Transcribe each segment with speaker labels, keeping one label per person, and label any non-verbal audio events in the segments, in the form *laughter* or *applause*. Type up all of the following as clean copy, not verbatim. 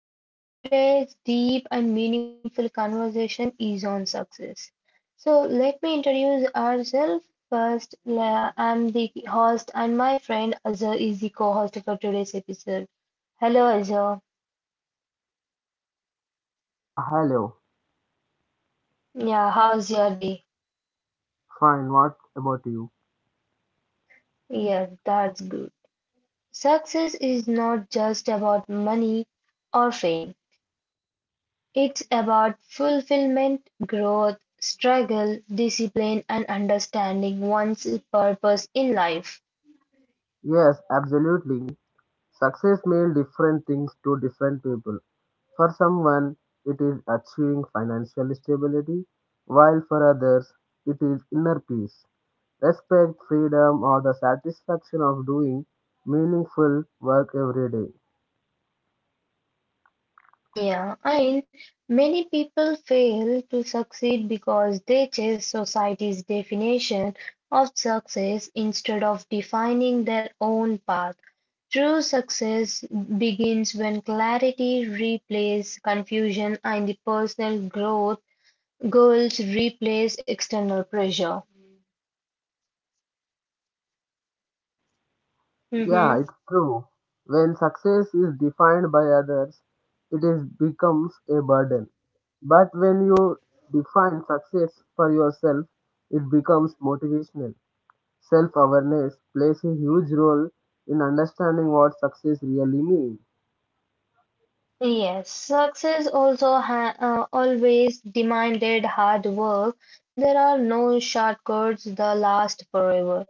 Speaker 1: Like today's deep and meaningful conversation is on success. So let me introduce ourselves first. I'm the host, and my friend Azhar is the co-host for today's episode. Hello Azhar.
Speaker 2: Yeah, hello.
Speaker 1: Yeah, how's your day?
Speaker 2: Fine, what about you?
Speaker 1: Yeah, that's good. Success is not just about money or fame. It's about fulfillment, growth, struggle, discipline, and understanding one's purpose in life.
Speaker 2: Yes, absolutely. Success means different things to different people. For someone, it is achieving financial stability, while for others, it is inner peace, respect, freedom, or the satisfaction of doing meaningful work every day.
Speaker 1: Yeah, and many people fail to succeed because they chase society's definition of success instead of defining their own path. True success begins when clarity replaces confusion and the personal growth goals replace external pressure.
Speaker 2: Yeah,
Speaker 1: Mhm.
Speaker 2: it's true. When success is defined by others, it is becomes a burden. But when you define success for yourself, it becomes motivational. Self awareness plays a huge role in understanding what success really means.
Speaker 1: Yes, success also ha always demanded hard work. There are no shortcuts that last forever.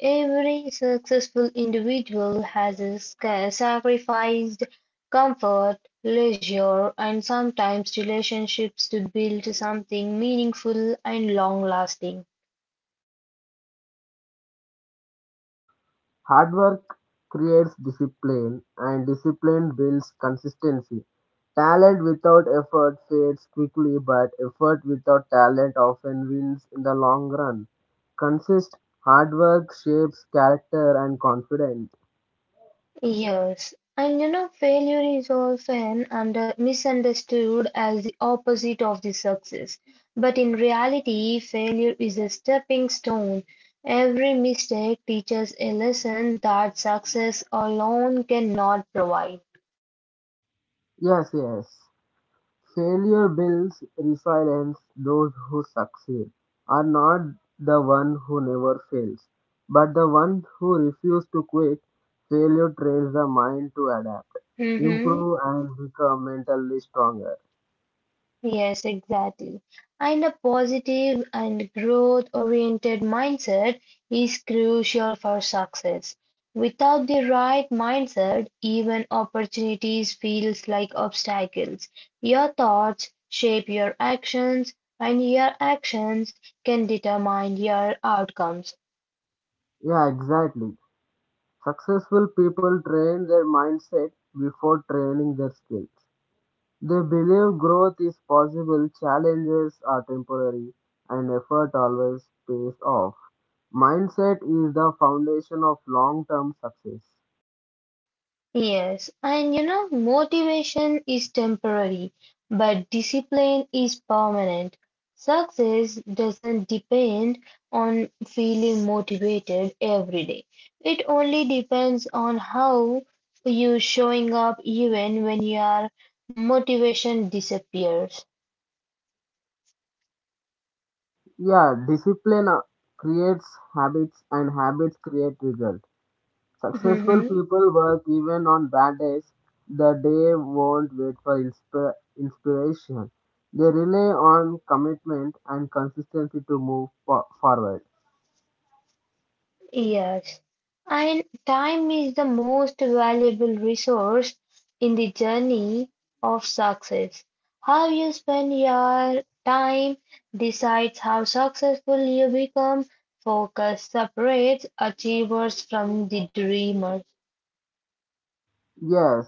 Speaker 1: Every successful individual has sacrificed comfort, leisure, and sometimes relationships to build something meaningful and long-lasting.
Speaker 2: Hard work creates discipline, and discipline builds consistency. Talent without effort fades quickly, but effort without talent often wins in the long run. Consist hard work shapes character and confidence.
Speaker 1: Yes, and failure is often under misunderstood as the opposite of the success. But in reality, failure is a stepping stone. Every mistake teaches a lesson that success alone cannot provide.
Speaker 2: Yes, yes. Failure builds resilience. Those who succeed are not the one who never fails, but the one who refuse to quit. Failure trains the mind to adapt,
Speaker 1: Mhm.
Speaker 2: improve, and become mentally stronger.
Speaker 1: Yes, exactly. And a positive and growth-oriented mindset is crucial for success. Without the right mindset, even opportunities feels like obstacles. Your thoughts shape your actions, and your actions can determine your outcomes.
Speaker 2: Yeah, exactly. Successful people train their mindset before training their skills. They believe growth is possible, challenges are temporary, and effort always pays off. Mindset is the foundation of long term success.
Speaker 1: Yes, and motivation is temporary, but discipline is permanent. Success doesn't depend on feeling motivated every day. It only depends on how you showing up even when your motivation disappears.
Speaker 2: Yeah, discipline creates habits and habits create results. Successful
Speaker 1: *laughs*
Speaker 2: people work even on bad days. The day won't wait for inspiration. They rely on commitment and consistency to move forward.
Speaker 1: Yes, and time is the most valuable resource in the journey of success. How you spend your time decides how successful you become. Focus separates achievers from the dreamers.
Speaker 2: Yes,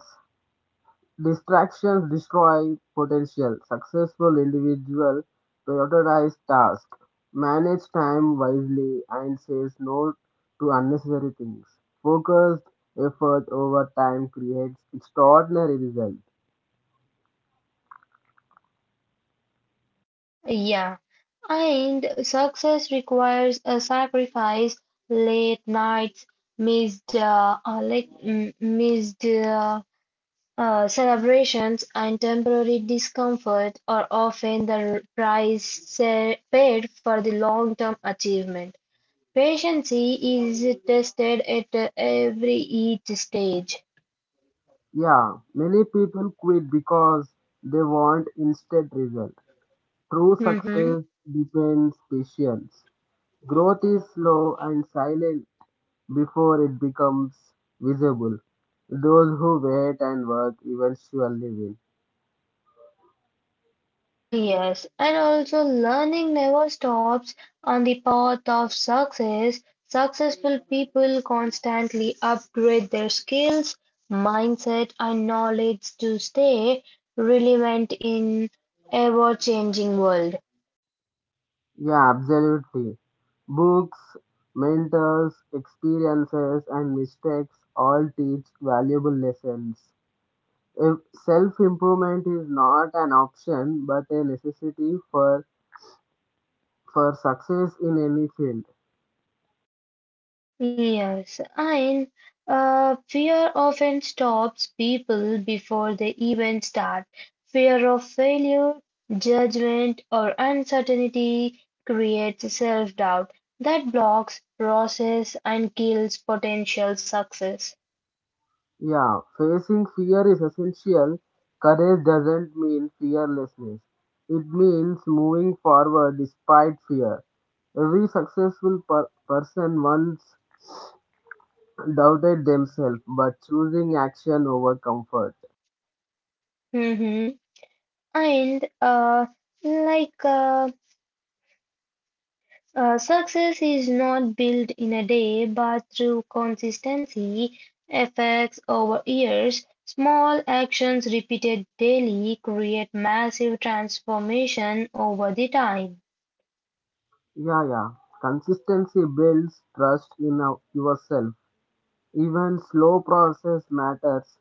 Speaker 2: Distractions destroy potential. Successful individuals prioritize tasks, manage time wisely, and says no to unnecessary things. Focused effort over time creates extraordinary results.
Speaker 1: Yeah, and success requires a sacrifice, late nights, missed, like, mm, missed. Celebrations and temporary discomfort are often the price paid for the long-term achievement. Patience is tested at every each stage.
Speaker 2: Yeah, many people quit because they want instant result. True
Speaker 1: Mhm.
Speaker 2: success depends patience. Growth is slow and silent before it becomes visible. Those who wait and work eventually win.
Speaker 1: Yes, and also learning never stops on the path of success. Successful people constantly upgrade their skills, mindset, and knowledge to stay relevant in ever-changing world.
Speaker 2: Yeah, absolutely. Books, mentors, experiences, and mistakes all teach valuable lessons. If self improvement is not an option but a necessity for success in any field.
Speaker 1: Yes, and fear often stops people before they even start. Fear of failure, judgment, or uncertainty creates self-doubt that blocks process and kills potential success.
Speaker 2: Yeah, facing fear is essential. Courage doesn't mean fearlessness. It means moving forward despite fear. Every successful person once doubted themselves, but choosing action over comfort.
Speaker 1: Hmm. And like success is not built in a day, but through consistency, effects over years, small actions repeated daily create massive transformation over the time.
Speaker 2: Yeah, yeah. Consistency builds trust in yourself. Even slow process matters.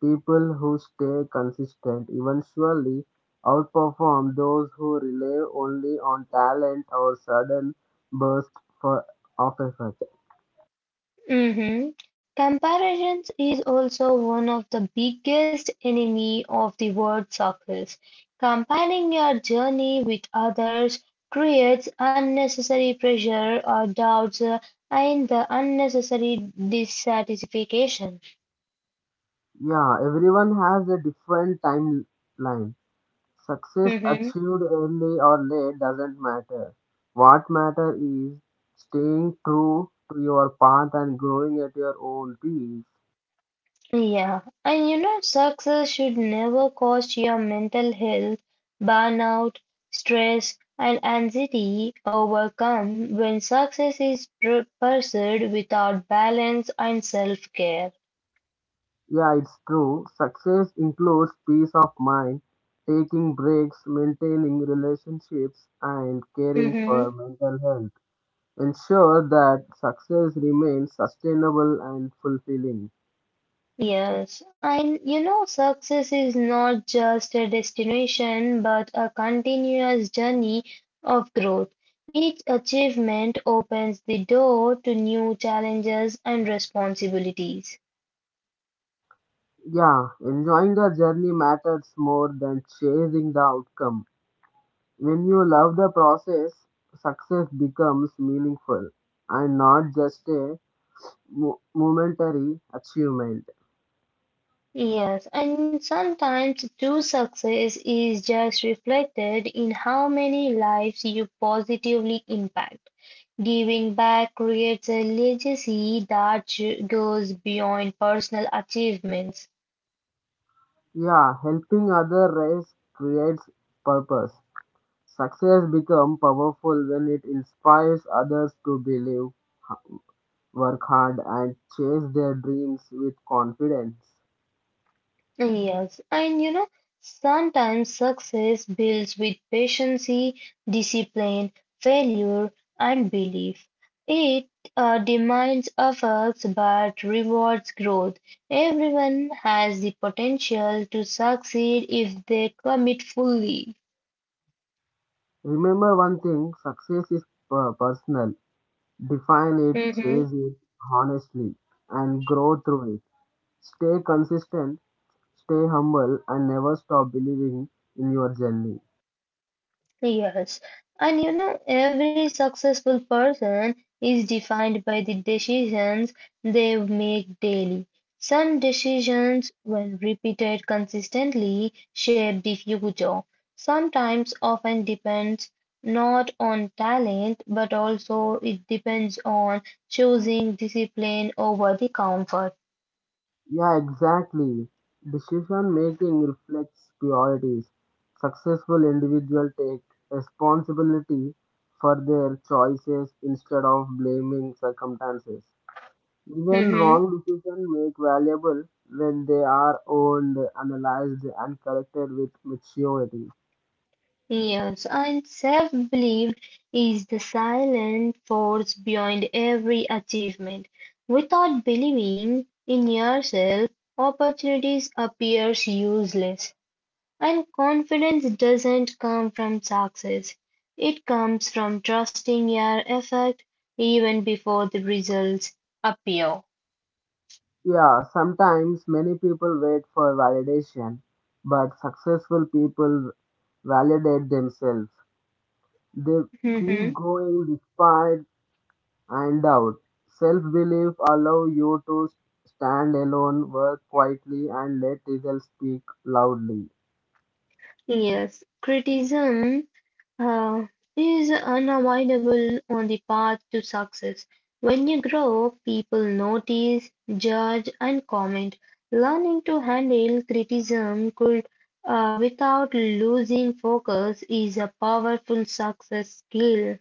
Speaker 2: People who stay consistent eventually outperform those who rely only on talent or sudden bursts for, of effort.
Speaker 1: Mhm. Comparisons is also one of the biggest enemy of the word circles. Comparing your journey with others creates unnecessary pressure or doubts and the unnecessary dissatisfaction.
Speaker 2: Yeah, everyone has a different timeline. Success
Speaker 1: Mhm.
Speaker 2: achieved early or late doesn't matter. What matters is staying true to your path and growing at your own pace.
Speaker 1: Yeah, and success should never cost your mental health, burnout, stress, and anxiety overcome when success is pursued without balance and self-care.
Speaker 2: Yeah, it's true. Success includes peace of mind, taking breaks, maintaining relationships, and caring for
Speaker 1: Hmm.
Speaker 2: mental health. Ensure that success remains sustainable and fulfilling.
Speaker 1: Yes, and success is not just a destination but a continuous journey of growth. Each achievement opens the door to new challenges and responsibilities.
Speaker 2: Yeah, enjoying the journey matters more than chasing the outcome. When you love the process, success becomes meaningful and not just a momentary achievement.
Speaker 1: Yes, and sometimes true success is just reflected in how many lives you positively impact. Giving back creates a legacy that goes beyond personal achievements.
Speaker 2: Yeah, helping other race creates purpose. Success becomes powerful when it inspires others to believe, h- work hard, and chase their dreams with confidence.
Speaker 1: Yes, and sometimes success builds with patience, discipline, failure, and belief. It demands efforts but rewards growth. Everyone has the potential to succeed if they commit fully.
Speaker 2: Remember one thing success is personal. Define it, chase it honestly, and grow through it. Stay consistent, stay humble, and never stop believing in your journey.
Speaker 1: Yes, and every successful person is defined by the decisions they make daily. Some decisions, when repeated consistently, shape the future. Sometimes often depends not on talent, but also it depends on choosing discipline over the comfort.
Speaker 2: Yeah, exactly. Decision making reflects priorities. Successful individuals take responsibility for their choices instead of blaming circumstances. Even
Speaker 1: Mhm.
Speaker 2: wrong decisions make valuable when they are owned, analyzed, and corrected with maturity.
Speaker 1: Yes, and self-belief is the silent force behind every achievement. Without believing in yourself, opportunities appears useless, and confidence doesn't come from success. It comes from trusting your effort even before the results appear.
Speaker 2: Yeah, sometimes many people wait for validation, but successful people validate themselves. They keep
Speaker 1: Mhm.
Speaker 2: going despite and doubt. Self belief allow you to stand alone, work quietly, and let results speak loudly.
Speaker 1: Yes, criticism uh, is unavoidable on the path to success. When you grow, people notice, judge, and comment. Learning to handle criticism without losing focus is a powerful success skill.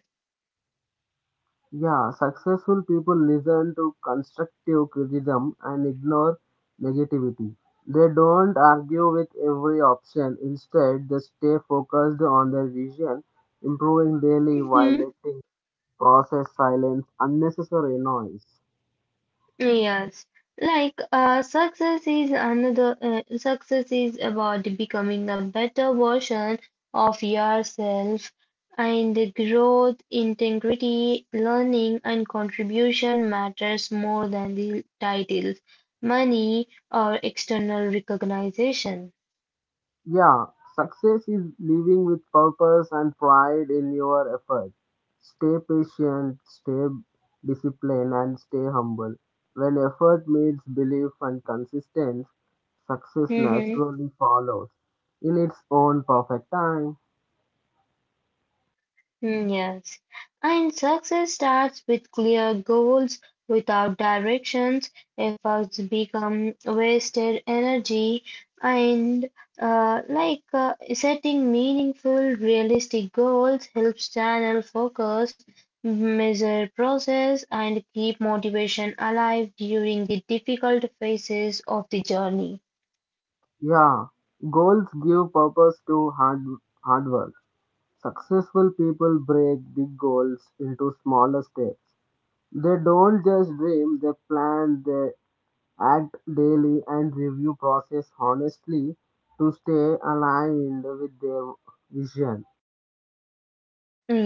Speaker 2: Yeah, successful people listen to constructive criticism and ignore negativity. They don't argue with every option. Instead, they stay focused on their vision, improving daily while letting process silence unnecessary noise.
Speaker 1: Yes, like success is about becoming a better version of yourself and the growth, integrity, learning and contribution matters more than the titles, money or external recognition.
Speaker 2: Yeah, success is living with purpose and pride in your effort. Stay patient, stay disciplined, and stay humble. When effort meets belief and consistency, success
Speaker 1: Mm-hmm.
Speaker 2: naturally follows in its own perfect time.
Speaker 1: Mm, yes. And success starts with clear goals. Without directions, efforts become wasted energy. And like setting meaningful, realistic goals helps channel focus, measure process, and keep motivation alive during the difficult phases of the journey.
Speaker 2: Yeah, goals give purpose to hard work. Successful people break big goals into smaller steps. They don't just dream, they plan, they act daily and review process honestly to stay aligned with their vision.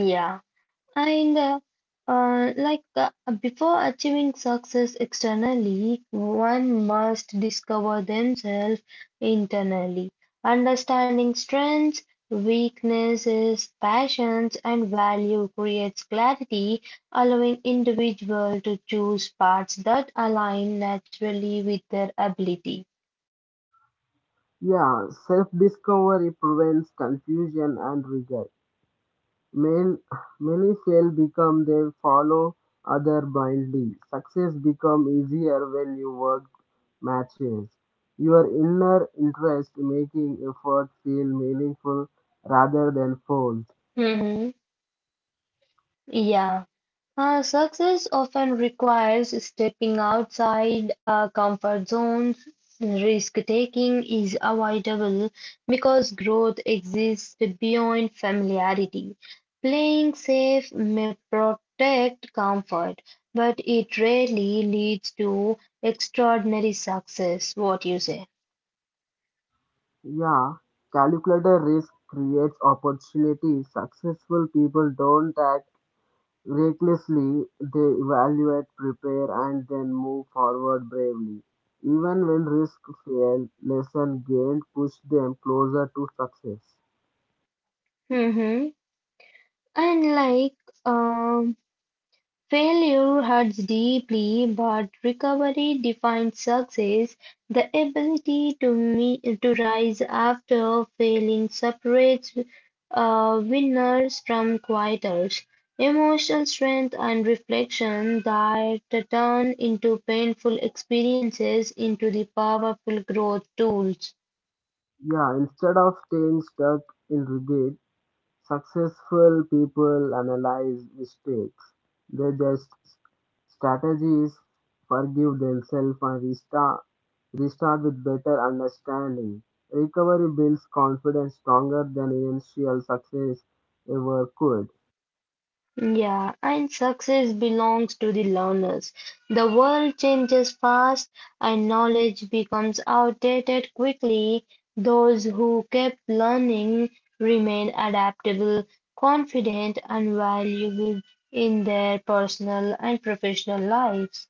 Speaker 1: Mm, yeah, and like before achieving success externally, one must discover themselves internally, understanding strengths, weaknesses, passions, and value creates clarity, allowing individual to choose paths that align naturally with their ability.
Speaker 2: Yeah, self-discovery prevents confusion and regret. Men, many fail become they follow other blindly. Success become easier when you work matches. Your inner interest making effort feel meaningful rather than forced.
Speaker 1: Mhm. Yeah. Success often requires stepping outside comfort zones. Risk taking is avoidable because growth exists beyond familiarity. Playing safe may protect comfort, but it rarely leads to extraordinary success. What you say?
Speaker 2: Yeah, calculated risk creates opportunity. Successful people don't act recklessly, they evaluate, prepare, and then move forward bravely. Even when risk fail, lesson gained push them closer to success.
Speaker 1: Mm-hmm. And like, um, failure hurts deeply, but recovery defines success. The ability to rise after failing separates winners from quitters. Emotional strength and reflection that turn into painful experiences into the powerful growth tools.
Speaker 2: Yeah, instead of staying stuck in regret, successful people analyze mistakes. They just strategies, forgive themselves, and restart with better understanding. Recovery builds confidence stronger than initial success ever could.
Speaker 1: Yeah, and success belongs to the learners. The world changes fast and knowledge becomes outdated quickly. Those who keep learning remain adaptable, confident, and valuable in their personal and professional lives.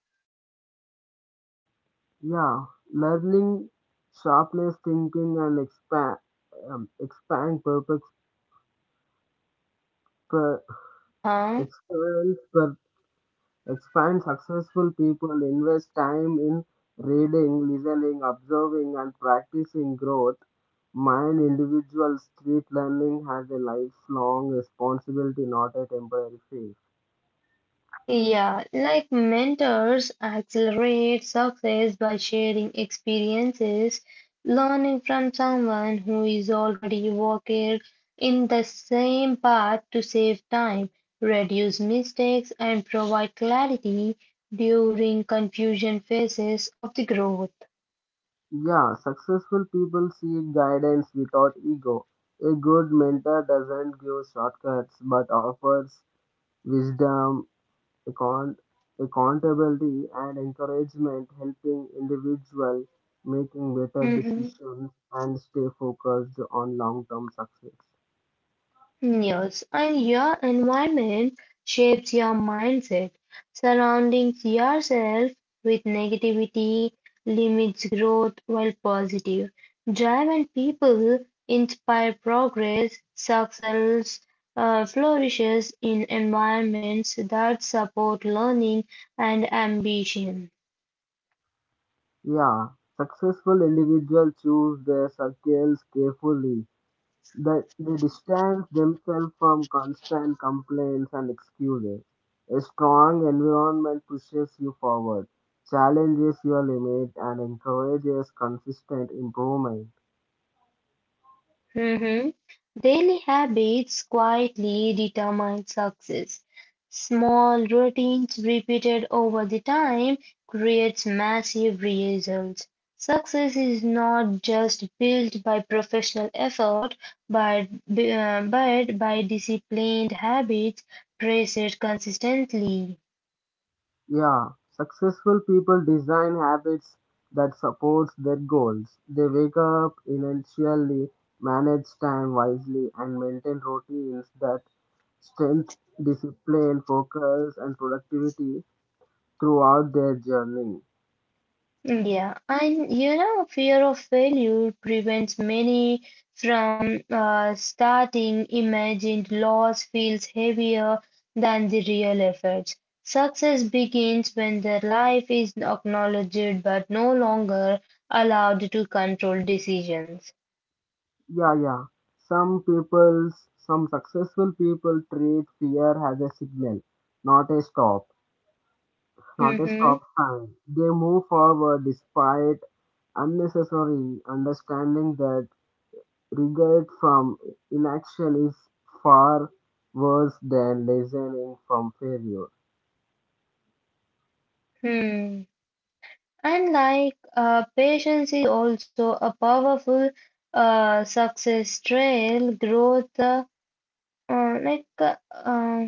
Speaker 2: Yeah, learning sharpness thinking and expand per,
Speaker 1: Uh-huh.
Speaker 2: expands expand successful people invest time in reading, listening, observing, and practicing growth. Mind individual street learning has a lifelong responsibility, not a temporary phase.
Speaker 1: Yeah, like mentors accelerate success by sharing experiences, learning from someone who is already walking in the same path to save time, reduce mistakes, and provide clarity during confusion phases of the growth.
Speaker 2: Yeah, successful people seek guidance without ego. A good mentor doesn't give shortcuts but offers wisdom account- accountability and encouragement helping individual making better
Speaker 1: Mhm.
Speaker 2: decisions and stay focused on long-term success.
Speaker 1: Yes, and your environment shapes your mindset. Surrounding yourself with negativity limits growth, while positive drive and people inspire progress. Success flourishes in environments that support learning and ambition.
Speaker 2: Yeah, successful individuals choose their circles carefully. They they distance themselves from constant complaints and excuses. A strong environment pushes you forward, challenges your limit, and encourages consistent improvement.
Speaker 1: Mhm. Daily habits quietly determine success. Small routines repeated over the time creates massive results. Success is not just built by professional effort, but, but by disciplined habits practiced consistently.
Speaker 2: Yeah, successful people design habits that supports their goals. They wake up intentionally, manage time wisely, and maintain routines that strengthen discipline, focus, and productivity throughout their journey.
Speaker 1: Yeah, and fear of failure prevents many from starting. Imagined loss feels heavier than the real efforts. Success begins when the life is acknowledged but no longer allowed to control decisions.
Speaker 2: Yeah, yeah. Some people, some successful people treat fear as a signal, not a stop, not a
Speaker 1: Mm-hmm.
Speaker 2: stop sign. They move forward despite unnecessary, understanding that regret from inaction is far worse than lessening from failure.
Speaker 1: Hmm. And like patience is also a powerful success trail growth. Like uh,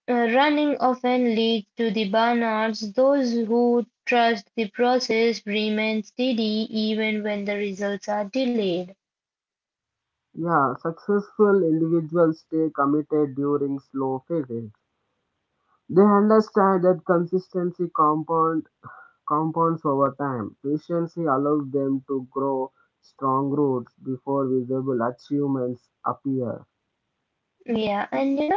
Speaker 1: Running often leads to the burnouts; those who trust the process remain steady even when the results are delayed.
Speaker 2: Yeah, successful individuals stay committed during slow phases. They understand that compounds over time. Patience allows them to grow strong roots before visible achievements appear.
Speaker 1: Yeah, and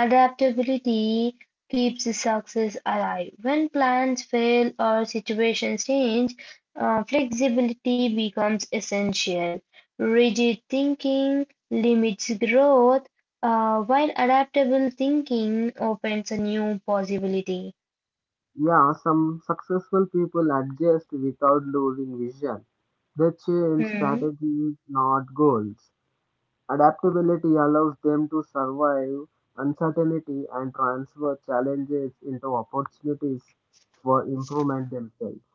Speaker 1: adaptability keeps the success alive. When plans fail or situations change, flexibility becomes essential. Rigid thinking limits growth, while adaptable thinking opens a new possibility.
Speaker 2: Yeah, some successful people adjust without losing vision. They change
Speaker 1: Hmm.
Speaker 2: strategies, not goals. Adaptability allows them to survive uncertainty and transfer challenges into opportunities for improvement themselves.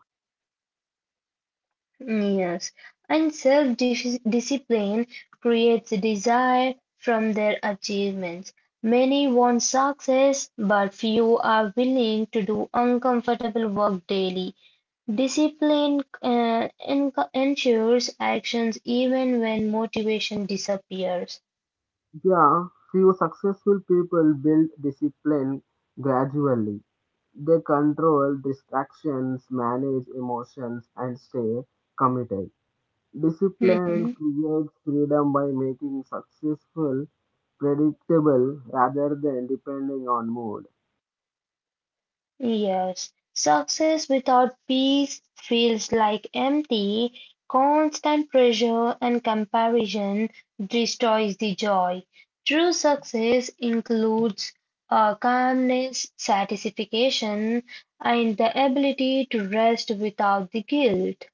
Speaker 1: Mm, yes, and self-discipline creates a desire from their achievements. Many want success, but few are willing to do uncomfortable work daily. Discipline ensures actions even when motivation disappears.
Speaker 2: Yeah, few successful people build discipline gradually. They control distractions, manage emotions, and stay committed. Discipline
Speaker 1: *laughs*
Speaker 2: creates freedom by making successful predictable rather than depending on mood.
Speaker 1: Yes, success without peace feels like empty. Constant pressure and comparison destroys the joy. True success includes calmness, satisfaction, and the ability to rest without the guilt.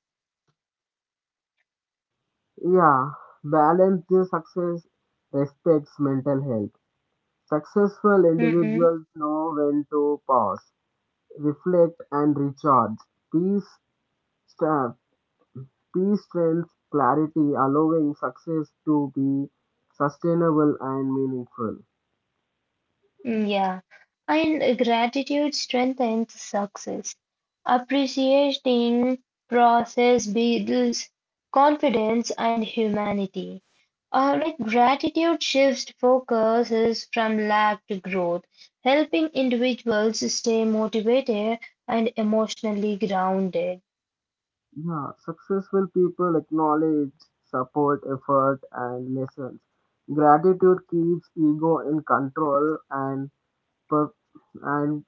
Speaker 2: Yeah, balance their success respects mental health. Successful
Speaker 1: Mm-hmm.
Speaker 2: individuals know when to pause, reflect, and recharge. Peace, stra- Peace, strength, clarity, allowing success to be sustainable and meaningful.
Speaker 1: Yeah, and gratitude strengthens success. Appreciating process builds confidence and humanity. Like gratitude shifts focuses from lack to growth, helping individuals stay motivated and emotionally grounded.
Speaker 2: Yeah, successful people acknowledge, support, effort, and lessons. Gratitude keeps ego in control per- and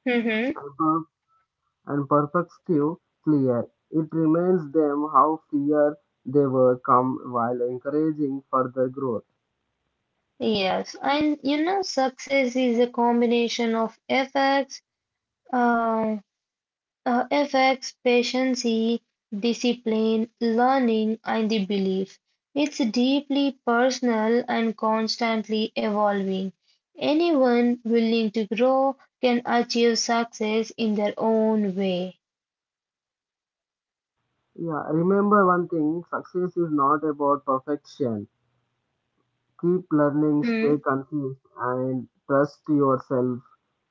Speaker 1: Mhm.
Speaker 2: per- and perspective clear. It reminds them how fear they were come while encouraging further growth.
Speaker 1: Yes, and success is a combination of efforts. um Affects patience, discipline, learning, and the belief. It's deeply personal and constantly evolving. Anyone willing to grow can achieve success in their own way.
Speaker 2: Yeah, remember one thing success is not about perfection. Keep learning, stay
Speaker 1: Hmm.
Speaker 2: confused, and trust yourself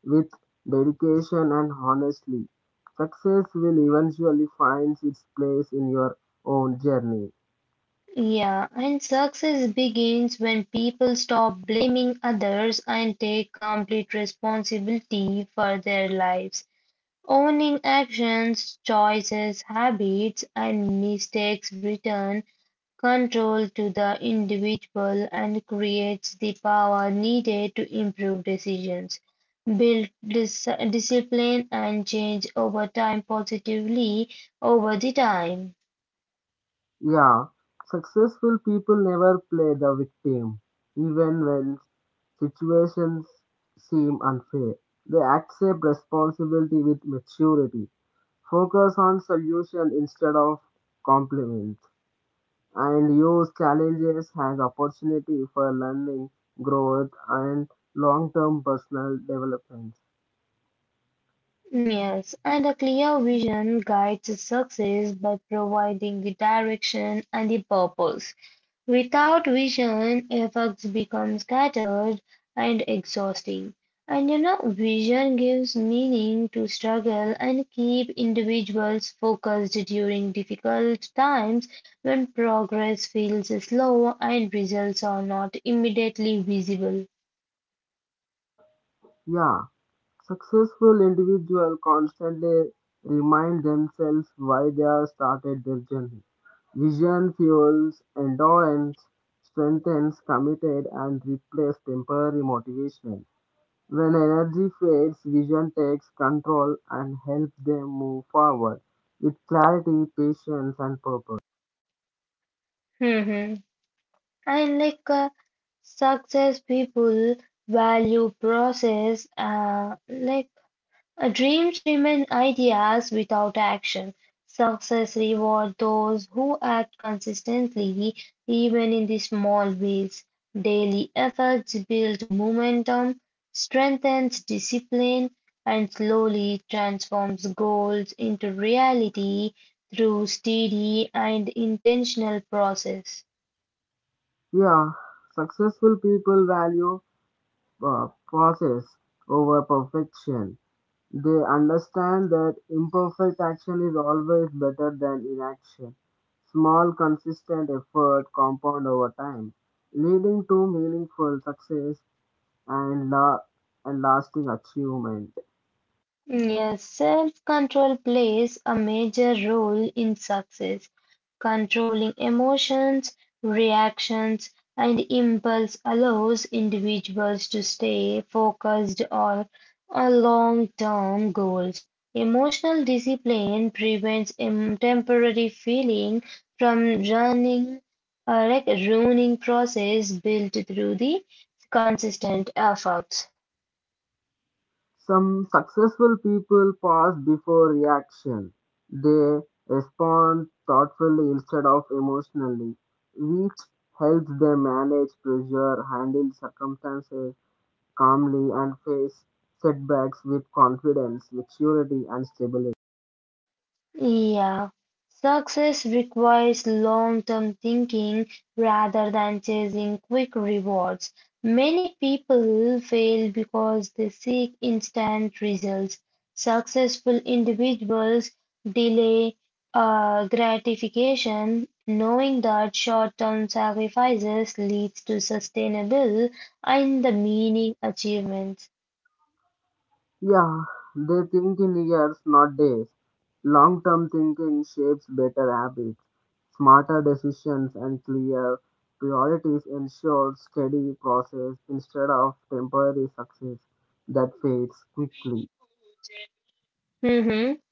Speaker 2: with dedication and honestly. Success will eventually find its place in your own journey.
Speaker 1: Yeah, and success begins when people stop blaming others and take complete responsibility for their lives. Owning actions, choices, habits, and mistakes return control to the individual and creates the power needed to improve decisions, build discipline, and change over time positively over the time.
Speaker 2: Yeah, successful people never play the victim, even when situations seem unfair. They accept responsibility with maturity, focus on solution instead of compliments, and use challenges as opportunity for learning, growth, and long-term personal development.
Speaker 1: Yes, and a clear vision guides success by providing the direction and the purpose. Without vision, effects become scattered and exhausting. And vision gives meaning to struggle and keep individuals focused during difficult times when progress feels slow and results are not immediately visible.
Speaker 2: Yeah, successful individuals constantly remind themselves why they have started their journey. Vision fuels endurance, strengthens committed, and replaces temporary motivation. When energy fades, vision takes control and helps them move forward with clarity, patience, and purpose.
Speaker 1: Mhm. And like success people value process. Dreams remain ideas without action. Success rewards those who act consistently, even in the small ways. Daily efforts build momentum, strengthens discipline, and slowly transforms goals into reality through steady and intentional process.
Speaker 2: Yeah, successful people value process over perfection. They understand that imperfect action is always better than inaction. Small, consistent effort compound over time, leading to meaningful success and, la- and lasting achievement.
Speaker 1: Yes, self-control plays a major role in success. Controlling emotions, reactions, and impulse allows individuals to stay focused on long-term goals. Emotional discipline prevents temporary feeling from running a ruining process built through the consistent efforts.
Speaker 2: Some successful people pause before reaction. They respond thoughtfully instead of emotionally, which helps them manage pressure, handle circumstances, calmly and face setbacks with confidence, maturity, and stability.
Speaker 1: Yeah, success requires long-term thinking rather than chasing quick rewards. Many people fail because they seek instant results. Successful individuals delay gratification, knowing that short-term sacrifices leads to sustainable and the meaning achievements.
Speaker 2: Yeah, they think in years, not days. Long term thinking shapes better habits, smarter decisions, and clear priorities ensure steady process instead of temporary success that fades quickly.
Speaker 1: Mhm.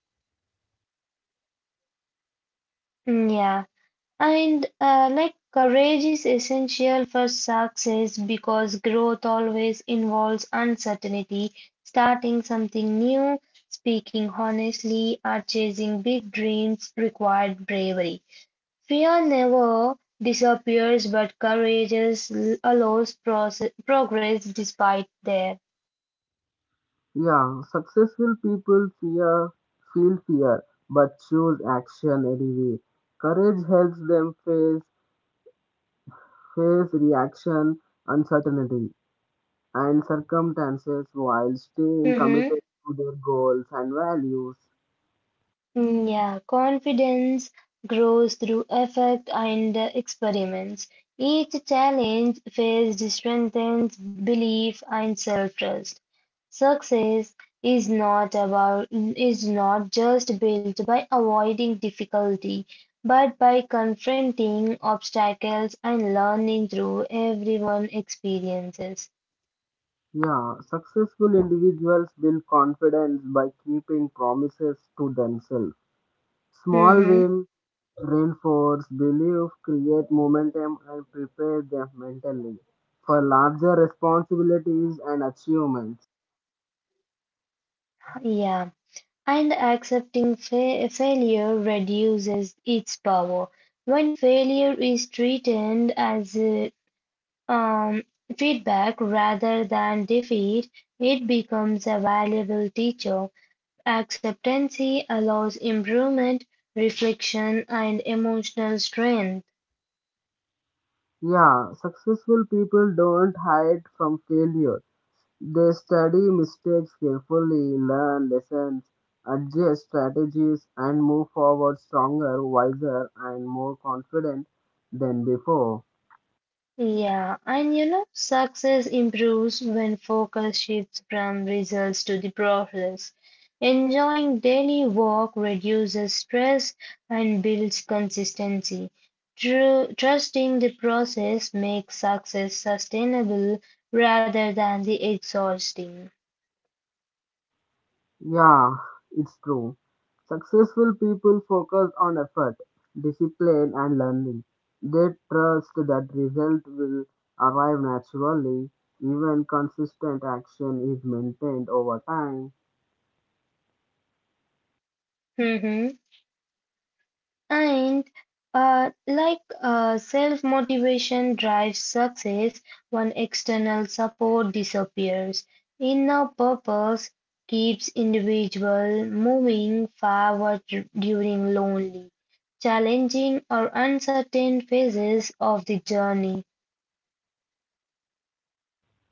Speaker 1: Mm, yeah, and like courage is essential for success because growth always involves uncertainty. Starting something new, speaking honestly, or chasing big dreams required bravery. Fear never disappears, but courage allows progress despite there.
Speaker 2: Yeah, successful people feel fear, but choose action anyway. Courage helps them face reaction, uncertainty, and circumstances while staying committed to their goals and values.
Speaker 1: Mm, yeah, confidence grows through effort and experiments. Each challenge faced strengthens belief and self-trust. Success is not about is not just built by avoiding difficulty, but by confronting obstacles and learning through everyone experiences.
Speaker 2: Yeah, successful individuals build confidence by keeping promises to themselves. Small
Speaker 1: Hmm.
Speaker 2: wins reinforce belief, create momentum, and prepare them mentally for larger responsibilities and achievements.
Speaker 1: Yeah. And accepting fa failure reduces its power. When failure is treated as um, feedback rather than defeat, it becomes a valuable teacher. Acceptance allows improvement, reflection, and emotional strength.
Speaker 2: Yeah, successful people don't hide from failure. They study mistakes carefully, learn lessons, adjust strategies, and move forward stronger, wiser, and more confident than before.
Speaker 1: Yeah, and success improves when focus shifts from results to the process. Enjoying daily work reduces stress and builds consistency. Trusting the process makes success sustainable rather than the exhausting.
Speaker 2: Yeah, it's true. Successful people focus on effort, discipline, and learning. They trust that result will arrive naturally, even consistent action is maintained over time.
Speaker 1: *laughs* And self-motivation drives success when external support disappears. Inner purpose keeps individual moving forward during lonely, challenging or uncertain phases of the journey.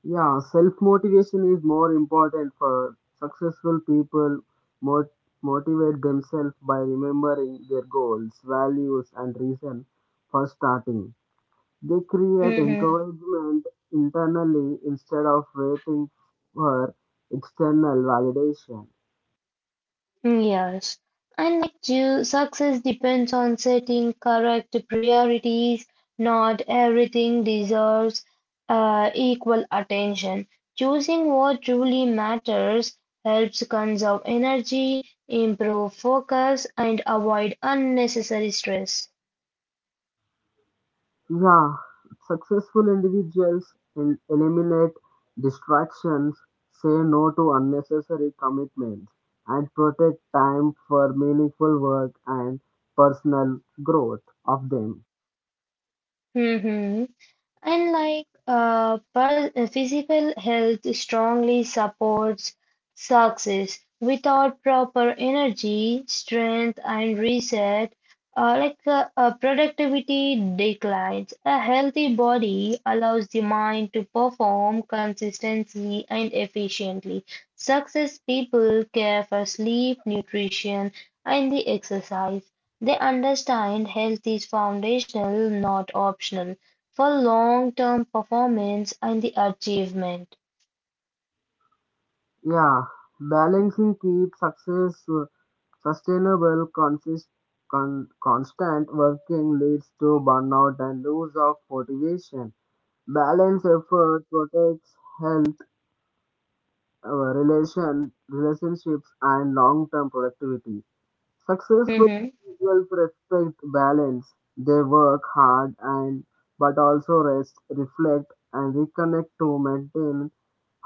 Speaker 2: Yeah, self motivation is more important for successful people. Mot- Motivate themselves by remembering their goals, values, and reason for starting. They create encouragement internally instead of waiting for external validation.
Speaker 1: Yes, and like you, success depends on setting correct priorities. Not everything deserves equal attention. Choosing what truly matters helps conserve energy, improve focus, and avoid unnecessary stress.
Speaker 2: Yeah, successful individuals in eliminate distractions, say no to unnecessary commitments, and protect time for meaningful work and personal growth of them.
Speaker 1: hmm Unlike physical health strongly supports success. Without proper energy, strength, and reset, productivity declines. A healthy body allows the mind to perform consistently and efficiently. Success people care for sleep, nutrition, and the exercise. They understand health is foundational, not optional for long-term performance and the achievement.
Speaker 2: Yeah, balancing keep success sustainable, constant working leads to burnout and loss of motivation. Balance effort protects health our relationships, and long-term productivity. Successful
Speaker 1: Mhm.
Speaker 2: individuals respect balance. They work hard and but also rest, reflect, and reconnect to maintain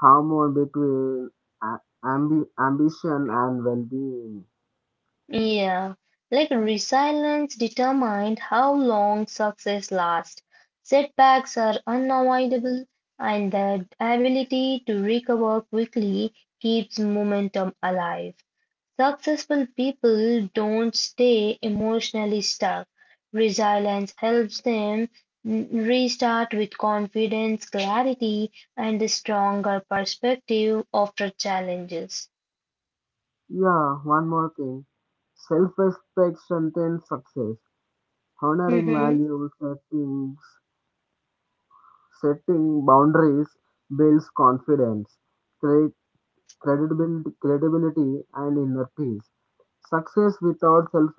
Speaker 2: harmony between ambition and well-being.
Speaker 1: Yeah, like resilience determined how long success lasts. Setbacks are unavoidable, and the ability to recover quickly keeps momentum alive. Successful people don't stay emotionally stuck. Resilience helps them restart with confidence, clarity, and a stronger perspective after challenges.
Speaker 2: Yeah, one more thing. Self-respect strengthens success. Honoring
Speaker 1: Mm-hmm.
Speaker 2: values, settings, setting boundaries builds confidence. Create credibility and inner peace. Success without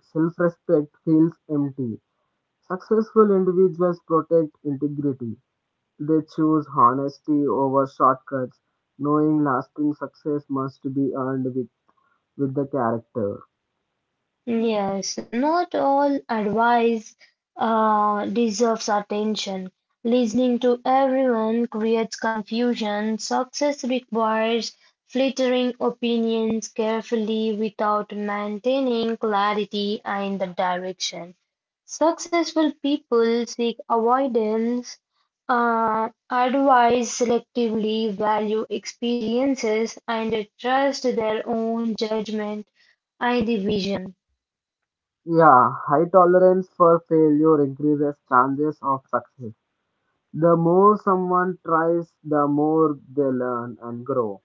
Speaker 2: self-respect feels empty. Successful individuals protect integrity. They choose honesty over shortcuts, knowing lasting success must be earned with the character.
Speaker 1: Yes, not all advice deserves attention. Listening to everyone creates confusion. Success requires filtering opinions carefully without maintaining clarity and the direction. Successful people seek avoidance, advise selectively, value experiences, and trust their own judgment and the vision.
Speaker 2: Yeah, high tolerance for failure increases chances of success. The more someone tries, the more they learn and grow.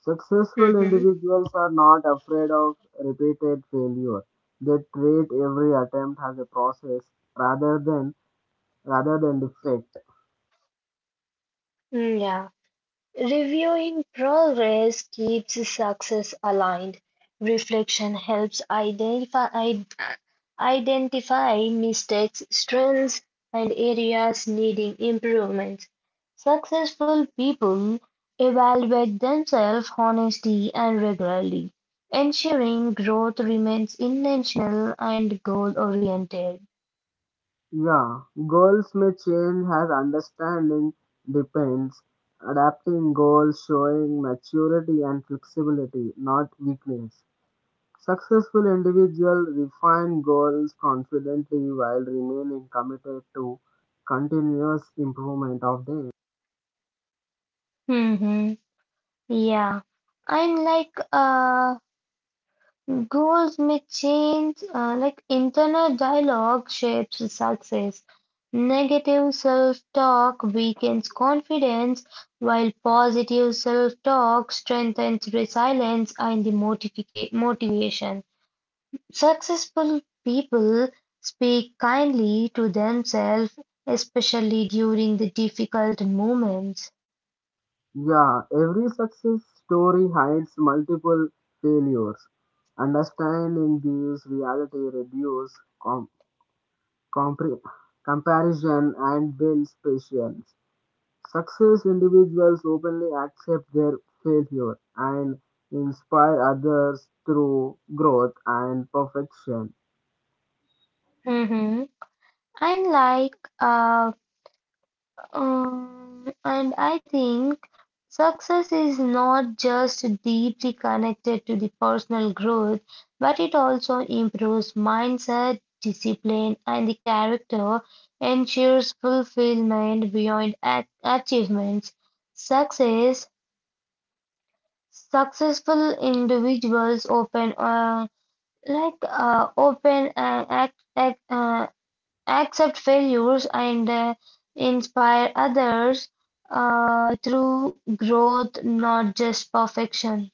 Speaker 2: Successful
Speaker 1: Mhm.
Speaker 2: individuals are not afraid of repeated failure. They treat every attempt as a process rather than rather than defect.
Speaker 1: Yeah, reviewing progress keeps success aligned. Reflection helps identify mistakes, strengths, and areas needing improvement. Successful people evaluate themselves honestly and regularly, ensuring growth remains intentional and goal oriented.
Speaker 2: Yeah, goals may change as understanding depends. Adapting goals showing maturity and flexibility, not weakness. Successful individuals refine goals confidently while remaining committed to continuous improvement of them.
Speaker 1: hmm Yeah, I'm like Goals may change, internal dialogue shapes success. Negative self-talk weakens confidence, while positive self-talk strengthens resilience and the motivation. Successful people speak kindly to themselves, especially during the difficult moments.
Speaker 2: Yeah, every success story hides multiple failures. Understanding these reality reduces compre- comparison and builds patience. Success individuals openly accept their failure and inspire others through growth and perfection.
Speaker 1: Mhm. And like uh, and I think success is not just deeply connected to the personal growth, but it also improves mindset, discipline, and the character, ensures fulfillment beyond achievements. Success, Successful individuals open, open and Accept failures and inspire others through growth, not just perfection.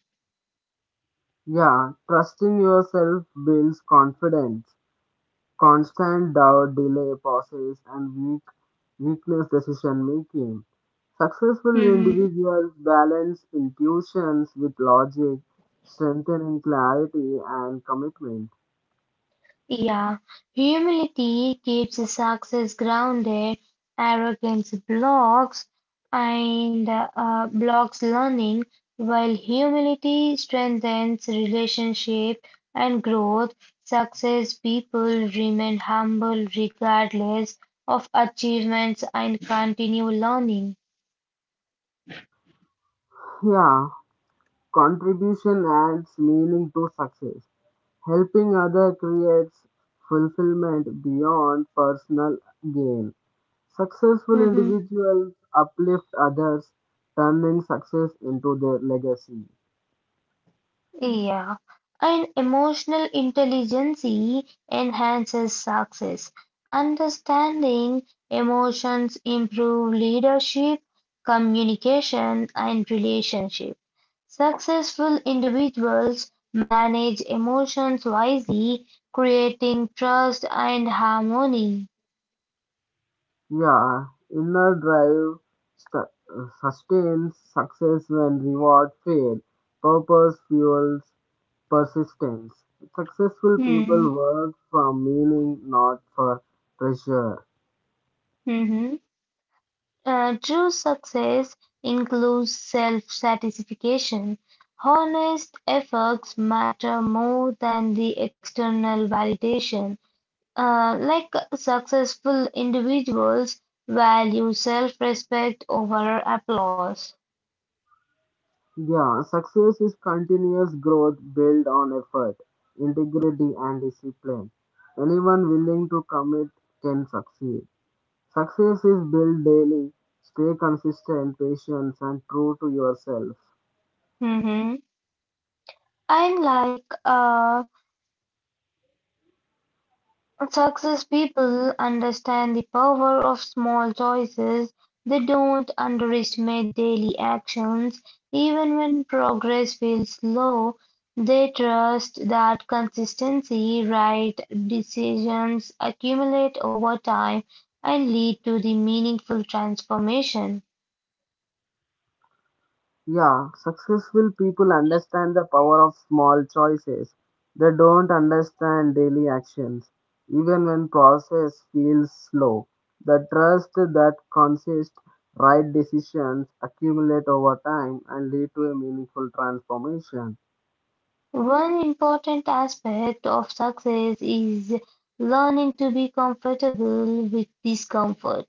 Speaker 2: Yeah, trusting yourself builds confidence. Constant doubt, delay, pauses, and weakness decision making. Successful
Speaker 1: Mm-hmm.
Speaker 2: individuals balance intuitions with logic, strengthening clarity and commitment.
Speaker 1: Yeah, humility keeps success grounded, arrogance blocks and blocks learning, while humility strengthens relationship and growth. Success people remain humble regardless of achievements and continue learning.
Speaker 2: Yeah, contribution adds meaning to success. Helping others creates fulfillment beyond personal gain. Successful
Speaker 1: Mm-hmm.
Speaker 2: individuals uplift others, turning success into their legacy.
Speaker 1: Yeah. And emotional intelligence e enhances success. Understanding emotions improve leadership, communication, and relationship. Successful individuals manage emotions wisely, creating trust and harmony.
Speaker 2: Yeah, inner drive sustains success when reward fail. Purpose fuels persistence. Successful
Speaker 1: Hmm.
Speaker 2: people work from meaning, not for pressure.
Speaker 1: Mhm. True success includes self-satisfaction. Honest efforts matter more than the external validation. Successful individuals value self-respect over applause.
Speaker 2: Yeah, success is continuous growth built on effort, integrity, and discipline. Anyone willing to commit can succeed. Success is built daily. Stay consistent, patient, and true to yourself.
Speaker 1: Mhm. And like Success people understand the power of small choices, they don't underestimate daily actions, even when progress feels slow, they trust that consistency, right decisions accumulate over time and lead to the meaningful transformation.
Speaker 2: Yeah, successful people understand the power of small choices. They don't understand daily actions. Even when process feels slow, the trust that consists right decisions accumulate over time and lead to a meaningful transformation.
Speaker 1: One important aspect of success is learning to be comfortable with discomfort.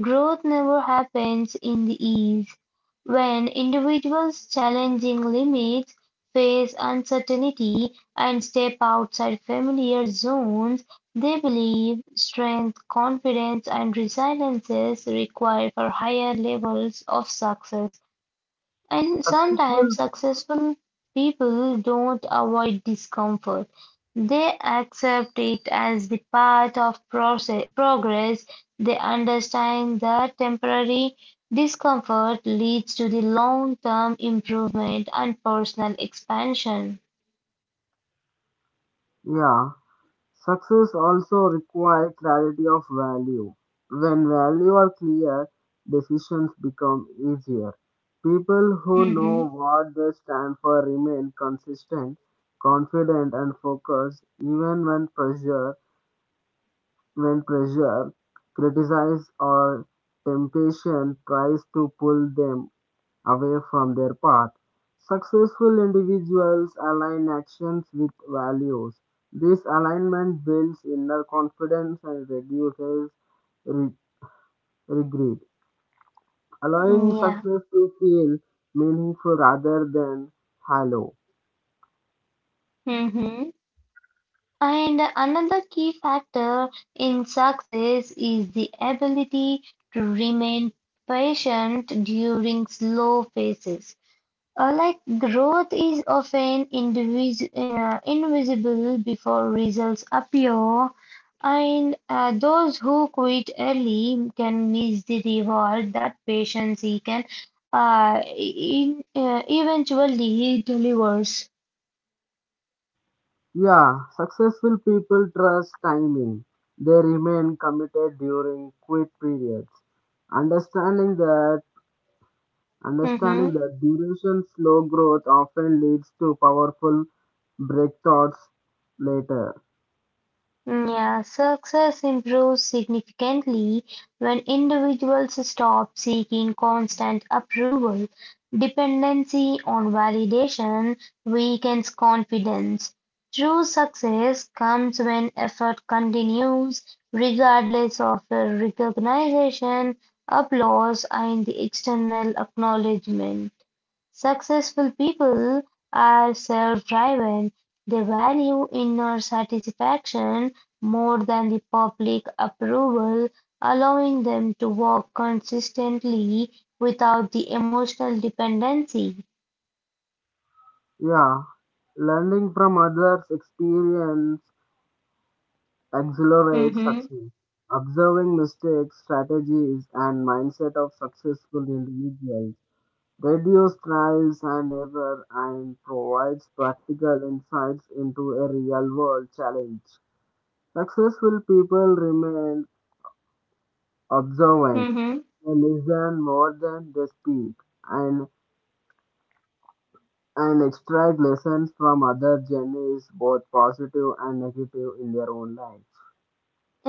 Speaker 1: Growth never happens in the ease. When individuals challenging limits, face uncertainty, and step outside familiar zones, they believe strength, confidence, and resilience required for higher levels of success. And sometimes
Speaker 2: Successful,
Speaker 1: successful people don't avoid discomfort. They accept it as the part of progress. They understand that temporary discomfort leads to the long-term improvement and personal expansion.
Speaker 2: yeah. Success also requires clarity of value. When values are clear, decisions become easier. People who
Speaker 1: Mm-hmm.
Speaker 2: know what they stand for remain consistent, confident, and focused even when pressure, criticism, or temptation tries to pull them away from their path. Successful individuals align actions with values. This alignment builds inner confidence and reduces re- regret, allowing
Speaker 1: Yeah.
Speaker 2: success to feel meaningful rather than hollow.
Speaker 1: Mm-hmm. And another key factor in success is the ability to remain patient during slow phases. Growth is often invisible before results appear, and those who quit early can miss the reward that patience can eventually delivers.
Speaker 2: Yeah, successful people trust timing. They remain committed during quit periods, understanding that Understanding
Speaker 1: Mhm.
Speaker 2: that duration slow growth often leads to powerful breakthroughs later.
Speaker 1: Yeah, success improves significantly when individuals stop seeking constant approval. Dependency on validation weakens confidence. True success comes when effort continues, regardless of the recognition, applause, and the external acknowledgement. Successful people are self-driven; they value inner satisfaction more than the public approval, allowing them to work consistently without the emotional dependency.
Speaker 2: Yeah, learning from others' experience accelerates
Speaker 1: Mm-hmm.
Speaker 2: success. Observing mistakes, strategies, and mindset of successful individuals reduce trials and error and provides practical insights into a real world challenge. Successful people remain observant. I listen more than they speak, and extract lessons from other journeys, both positive and negative, in their own life.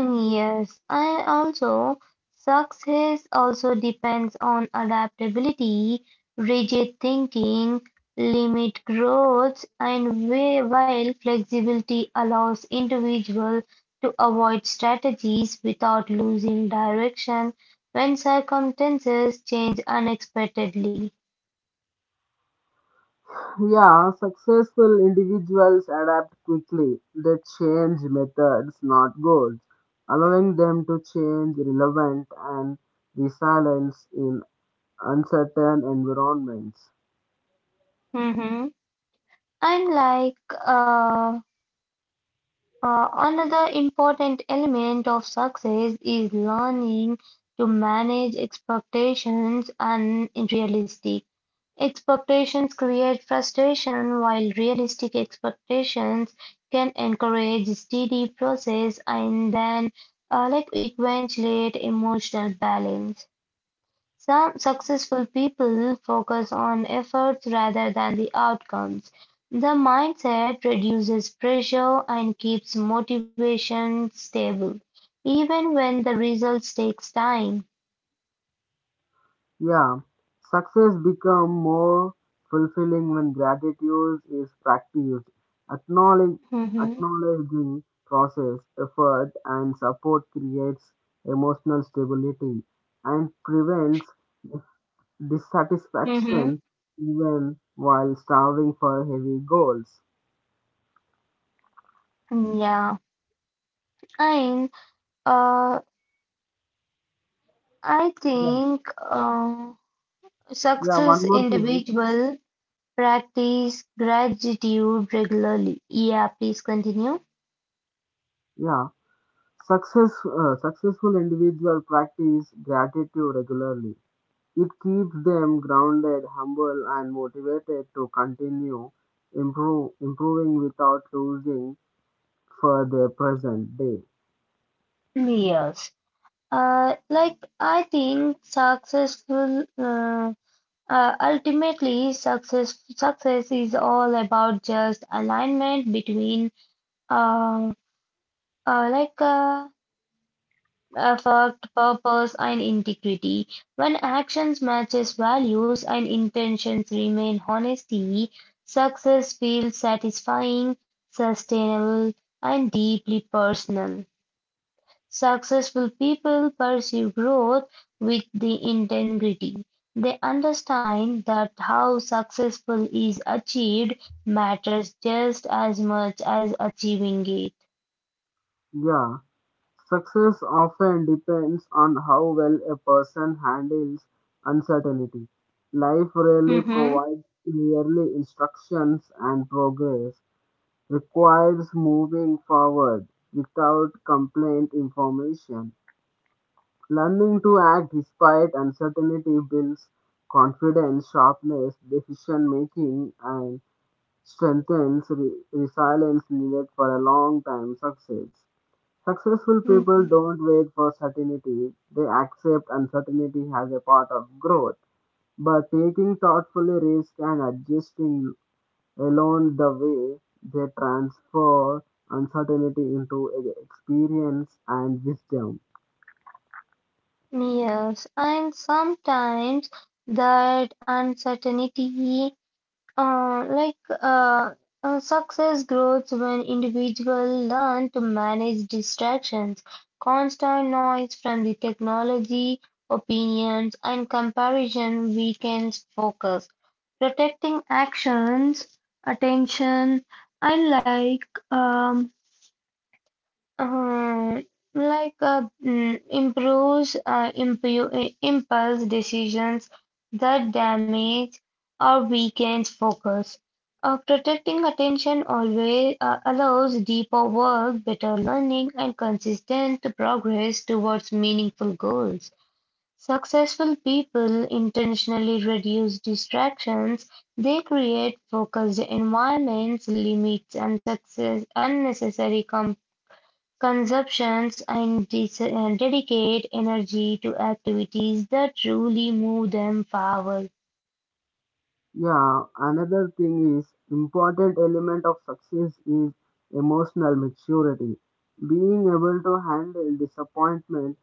Speaker 1: Yes, and also success also depends on adaptability, rigid thinking, limit growth, and way, while flexibility allows individuals to avoid strategies without losing direction when circumstances change unexpectedly.
Speaker 2: Yeah, successful individuals adapt quickly. They change methods, not goals, allowing them to change relevant and resilience in uncertain environments.
Speaker 1: Mhm. And like, uh, Another important element of success is learning to manage expectations and realistic expectations create frustration, while realistic expectations can encourage steady process and then eventuate emotional balance. Some successful people focus on efforts rather than the outcomes; the mindset reduces pressure and keeps motivation stable, even when the results takes time.
Speaker 2: Yeah, success become more fulfilling when gratitude is practiced. Acknowledge,
Speaker 1: Mhm.
Speaker 2: Acknowledging process, effort, and support creates emotional stability and prevents dissatisfaction
Speaker 1: Mhm.
Speaker 2: even while starving for heavy goals.
Speaker 1: Yeah, and uh, I
Speaker 2: Yeah,
Speaker 1: think
Speaker 2: yeah.
Speaker 1: success
Speaker 2: One more thing.
Speaker 1: individual practice gratitude regularly. Yeah, please continue.
Speaker 2: Yeah, success. Successful individual practice gratitude regularly. It keeps them grounded, humble, and motivated to continue improving without losing for their present day.
Speaker 1: Yes. I think successful ultimately success is all about just alignment between uh, uh, like uh, effort, purpose and integrity. When actions matches values and intentions remain honesty, success feels satisfying, sustainable and deeply personal. Successful people pursue growth with the integrity; they understand that how successful is achieved matters just as much as achieving it.
Speaker 2: Yeah, success often depends on how well a person handles uncertainty. Life rarely
Speaker 1: Mm-hmm.
Speaker 2: provides clearly instructions, and progress requires moving forward without complaint information. Learning to act despite uncertainty builds confidence, sharpness, decision making, and strengthens resilience needed for a long time success. Successful people
Speaker 1: Mm-hmm.
Speaker 2: don't wait for certainty, they accept uncertainty as a part of growth. But taking thoughtfully risk and adjusting along the way, they transfer uncertainty into experience and wisdom.
Speaker 1: Yes, and sometimes that uncertainty like uh, success grows when individuals learn to manage distractions, constant noise from the technology, opinions, and comparison weakens focus. Protecting actions, attention, and um, like mm, improves impulse decisions that damage or weakens focus. Protecting attention always allows deeper work, better learning, and consistent progress towards meaningful goals. Successful people intentionally reduce distractions. They create focused environments, limits, and success unnecessary comp consumptions and dedicate energy to activities that truly move them forward.
Speaker 2: Yeah, another thing is important element of success is emotional maturity. Being able to handle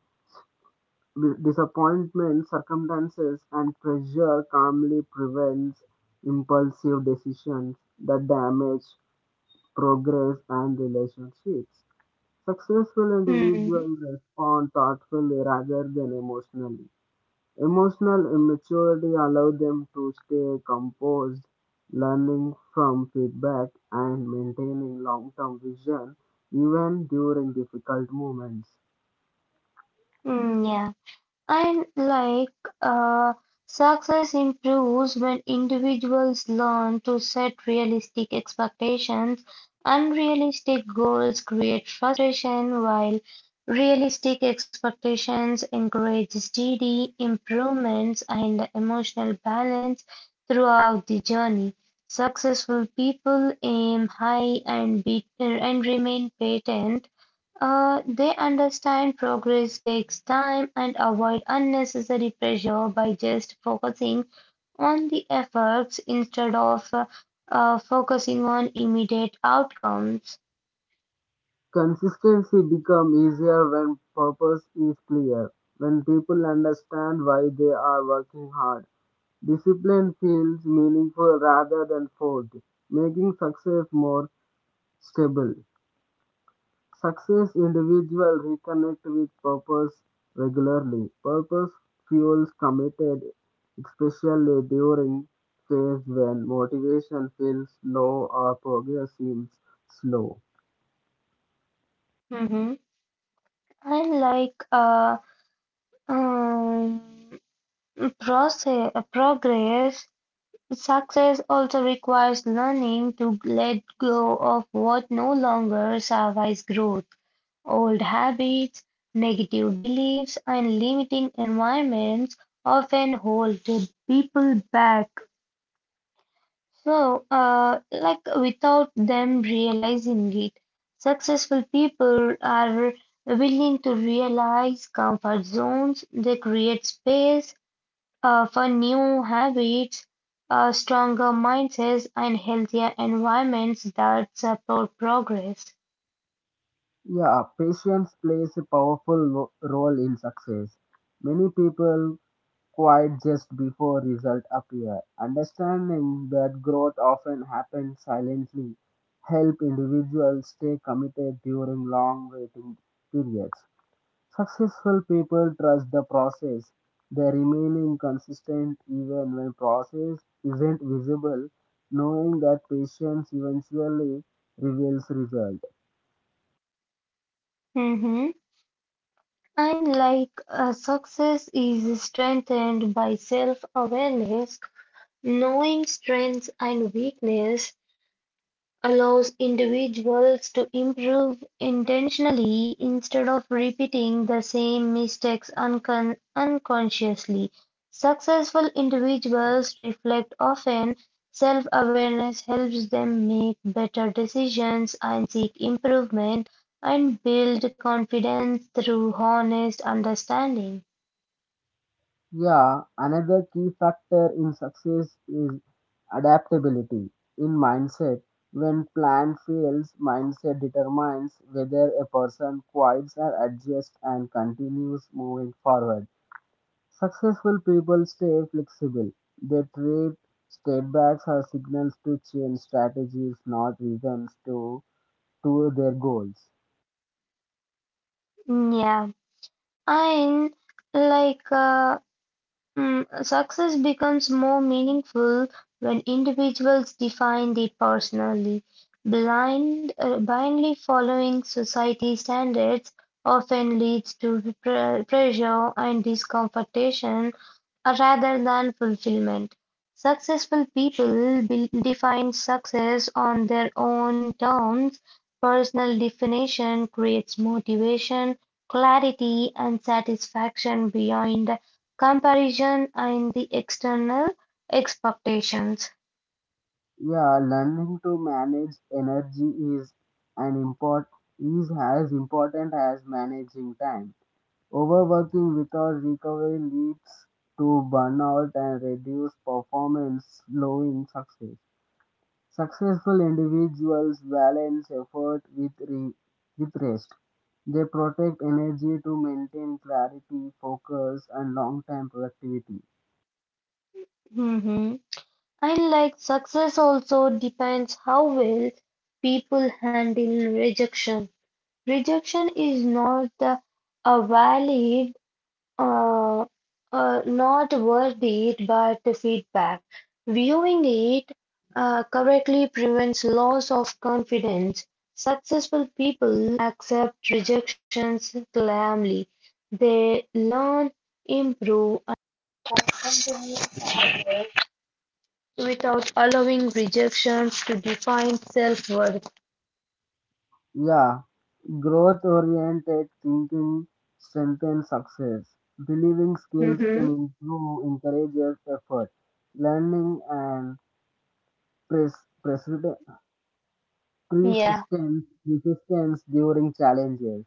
Speaker 2: disappointment circumstances and pressure calmly prevents impulsive decisions that damage progress and relationships. Successful
Speaker 1: Hmm.
Speaker 2: individuals respond thoughtfully rather than emotionally. Emotional immaturity allowed them to stay composed, learning from feedback and maintaining long term vision even during difficult moments.
Speaker 1: Hmm, yeah. Unlike uh, success improves when individuals learn to set realistic expectations. Unrealistic goals create frustration, while realistic expectations encourage steady improvements and emotional balance throughout the journey. Successful people aim high and remain patient they understand progress takes time and avoid unnecessary pressure by just focusing on the efforts instead of focusing on immediate outcomes.
Speaker 2: Consistency becomes easier when purpose is clear, when people understand why they are working hard. Discipline feels meaningful rather than forced, making success more stable. Success individuals reconnect with purpose regularly. Purpose fuels committed, especially during phase when motivation feels low or progress seems slow.
Speaker 1: Mm-hmm. And like uh, um, progress, success also requires learning to let go of what no longer survives growth. Old habits, negative beliefs, and limiting environments often hold the people back. So without them realizing it, successful people are willing to realize comfort zones. They create space for new habits, stronger mindsets, and healthier environments that support progress.
Speaker 2: Yeah, patience plays a powerful role in success. Many people quite just before results appear. Understanding that growth often happens silently help individuals stay committed during long waiting periods. Successful people trust the process. They remain consistent even when process isn't visible, knowing that patience eventually reveals result.
Speaker 1: Mhm. And like Success is strengthened by self-awareness, knowing strengths and weakness, allows individuals to improve intentionally instead of repeating the same mistakes unconsciously. Successful individuals reflect often. Self awareness helps them make better decisions and seek improvement and build confidence through honest understanding.
Speaker 2: Yeah, another key factor in success is adaptability. In mindset, when plan fails, mindset determines whether a person quits or adjusts and continues moving forward. Successful people stay flexible. They treat setbacks as signals to change strategies, not reasons to their goals.
Speaker 1: Yeah, and like uh, Success becomes more meaningful when individuals define it personally. Blindly following society standards often leads to pressure and discomfortation rather than fulfillment. Successful people define success on their own terms. Personal definition creates motivation, clarity, and satisfaction beyond Comparison and the external expectations.
Speaker 2: Yeah, learning to manage energy is an import is as important as managing time. Overworking without recovery leads to burnout and reduced performance, slowing success. Successful individuals balance effort with rest. They protect energy to maintain clarity, focus, and long-term productivity.
Speaker 1: Mhm. And like success also depends how well people handle rejection. Rejection is not a valid uh, not worthy it, but feedback. Viewing it correctly prevents loss of confidence. Successful people accept rejections calmly. They learn, improve, and continue to work without allowing rejections to define self worth.
Speaker 2: Yeah, growth oriented thinking strengthens success. Believing skills
Speaker 1: hmm
Speaker 2: can improve, encourages effort. Learning and pres- preside-
Speaker 1: Yeah.
Speaker 2: persistence resistance during challenges.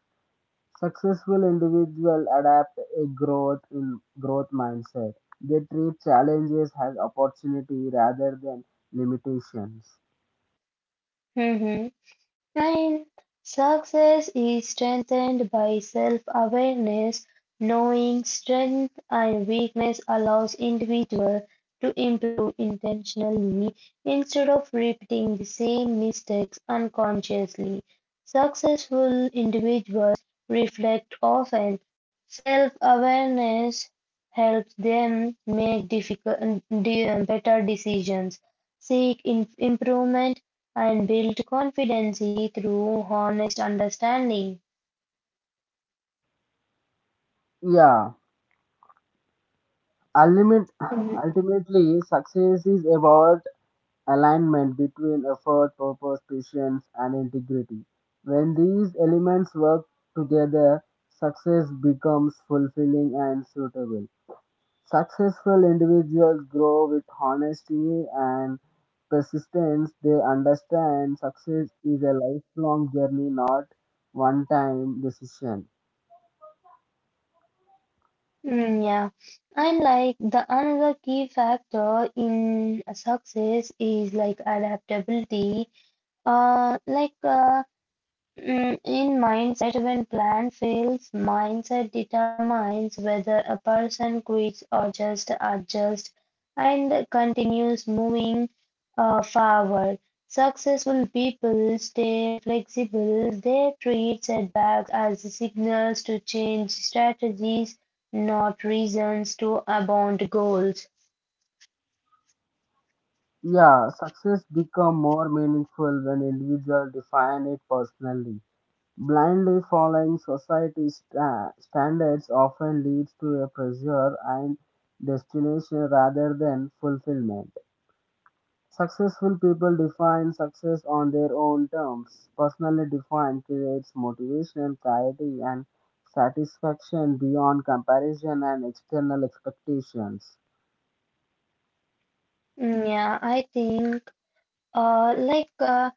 Speaker 2: Successful individuals adapt a growth mindset. They treat challenges as opportunity rather than limitations.
Speaker 1: hmm Ninth, success is strengthened by self-awareness. Knowing strength and weakness allows individual to improve intentionally instead of repeating the same mistakes unconsciously. Successful individuals reflect often. Self-awareness helps them make better decisions, seek improvement, and build confidence through honest understanding.
Speaker 2: Yeah, ultimate,
Speaker 1: Mm,
Speaker 2: *sighs* Ultimately, success is about alignment between effort, purpose, patience, and integrity. When these elements work together, success becomes fulfilling and suitable. Successful individuals grow with honesty and persistence. They understand success is a lifelong journey, not one time decision.
Speaker 1: yeah, and like the another key factor in success is like adaptability. Uh, like uh, In mindset, when plan fails, mindset determines whether a person quits or just adjusts and continues moving forward. Successful people stay flexible. They treat setbacks as signals to change strategies, not reasons to abandon goals.
Speaker 2: Yeah, success become more meaningful when individuals define it personally. Blindly following society's standards often leads to a pressure and destination rather than fulfillment. Successful people define success on their own terms. Personally defined creates motivation, clarity, and satisfaction beyond comparison and external expectations.
Speaker 1: Yeah, I think uh, like uh,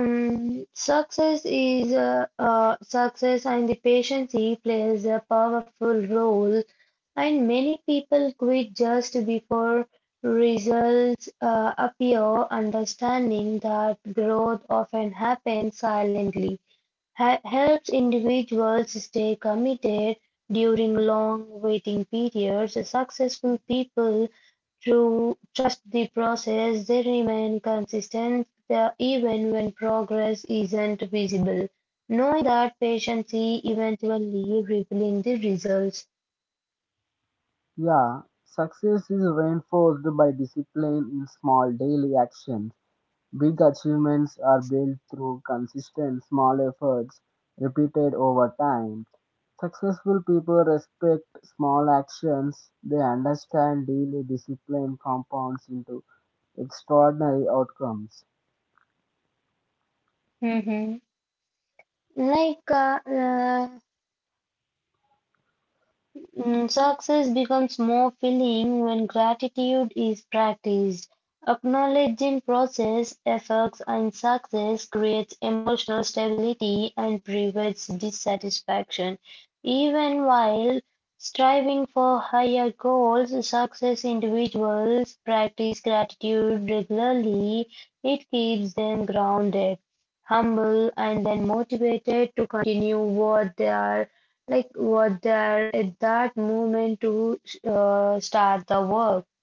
Speaker 1: Um, success is success and the patience plays a powerful role, and many people quit just before results appear, understanding that growth often happens silently Helps individuals stay committed during long waiting periods. Successful people through trust the process, they remain consistent even when progress isn't visible, knowing that patience is eventually revealing the results.
Speaker 2: Yeah, success is reinforced by discipline in small daily actions. Big achievements are built through consistent small efforts repeated over time. Successful people respect small actions, they understand daily discipline compounds into extraordinary outcomes.
Speaker 1: Mm-hmm. Like uh, uh, Success becomes more filling when gratitude is practiced. Acknowledging process, efforts, and success creates emotional stability and prevents dissatisfaction. Even while striving for higher goals, success individuals practice gratitude regularly. It keeps them grounded, humble, and then motivated to continue what they are like, were there at that moment to start the work?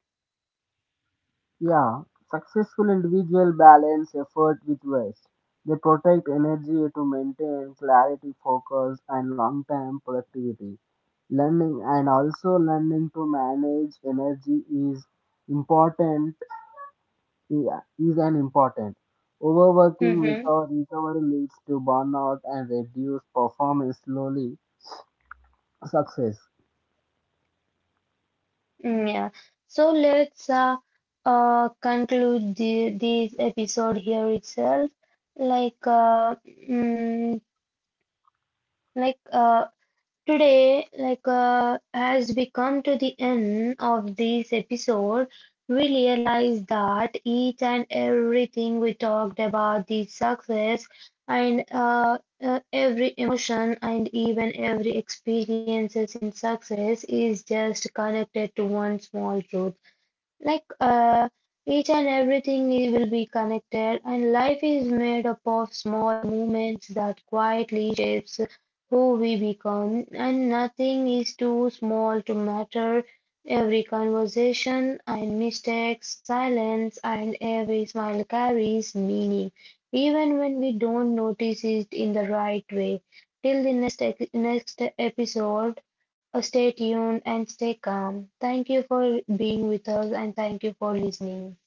Speaker 2: Yeah, successful individual balance effort with waste. They protect energy to maintain clarity, focus, and long term productivity. Learning and also learning to manage energy is important. Yeah, is an important. Overworking
Speaker 1: Mm-hmm.
Speaker 2: without recovery leads to burnout and reduced performance, slowly success.
Speaker 1: Yeah. So let's conclude this episode here itself. Like, uh, mm, like uh, Today, as we come to the end of this episode, we realize that each and everything we talked about the success and every emotion and even every experiences in success is just connected to one small truth like uh, each and everything will be connected, and life is made up of small moments that quietly shapes who we become, and nothing is too small to matter. Every conversation and mistakes, silence, and every smile carries meaning, even when we don't notice it in the right way. Till the next episode. Stay tuned and stay calm. Thank you for being with us and thank you for listening.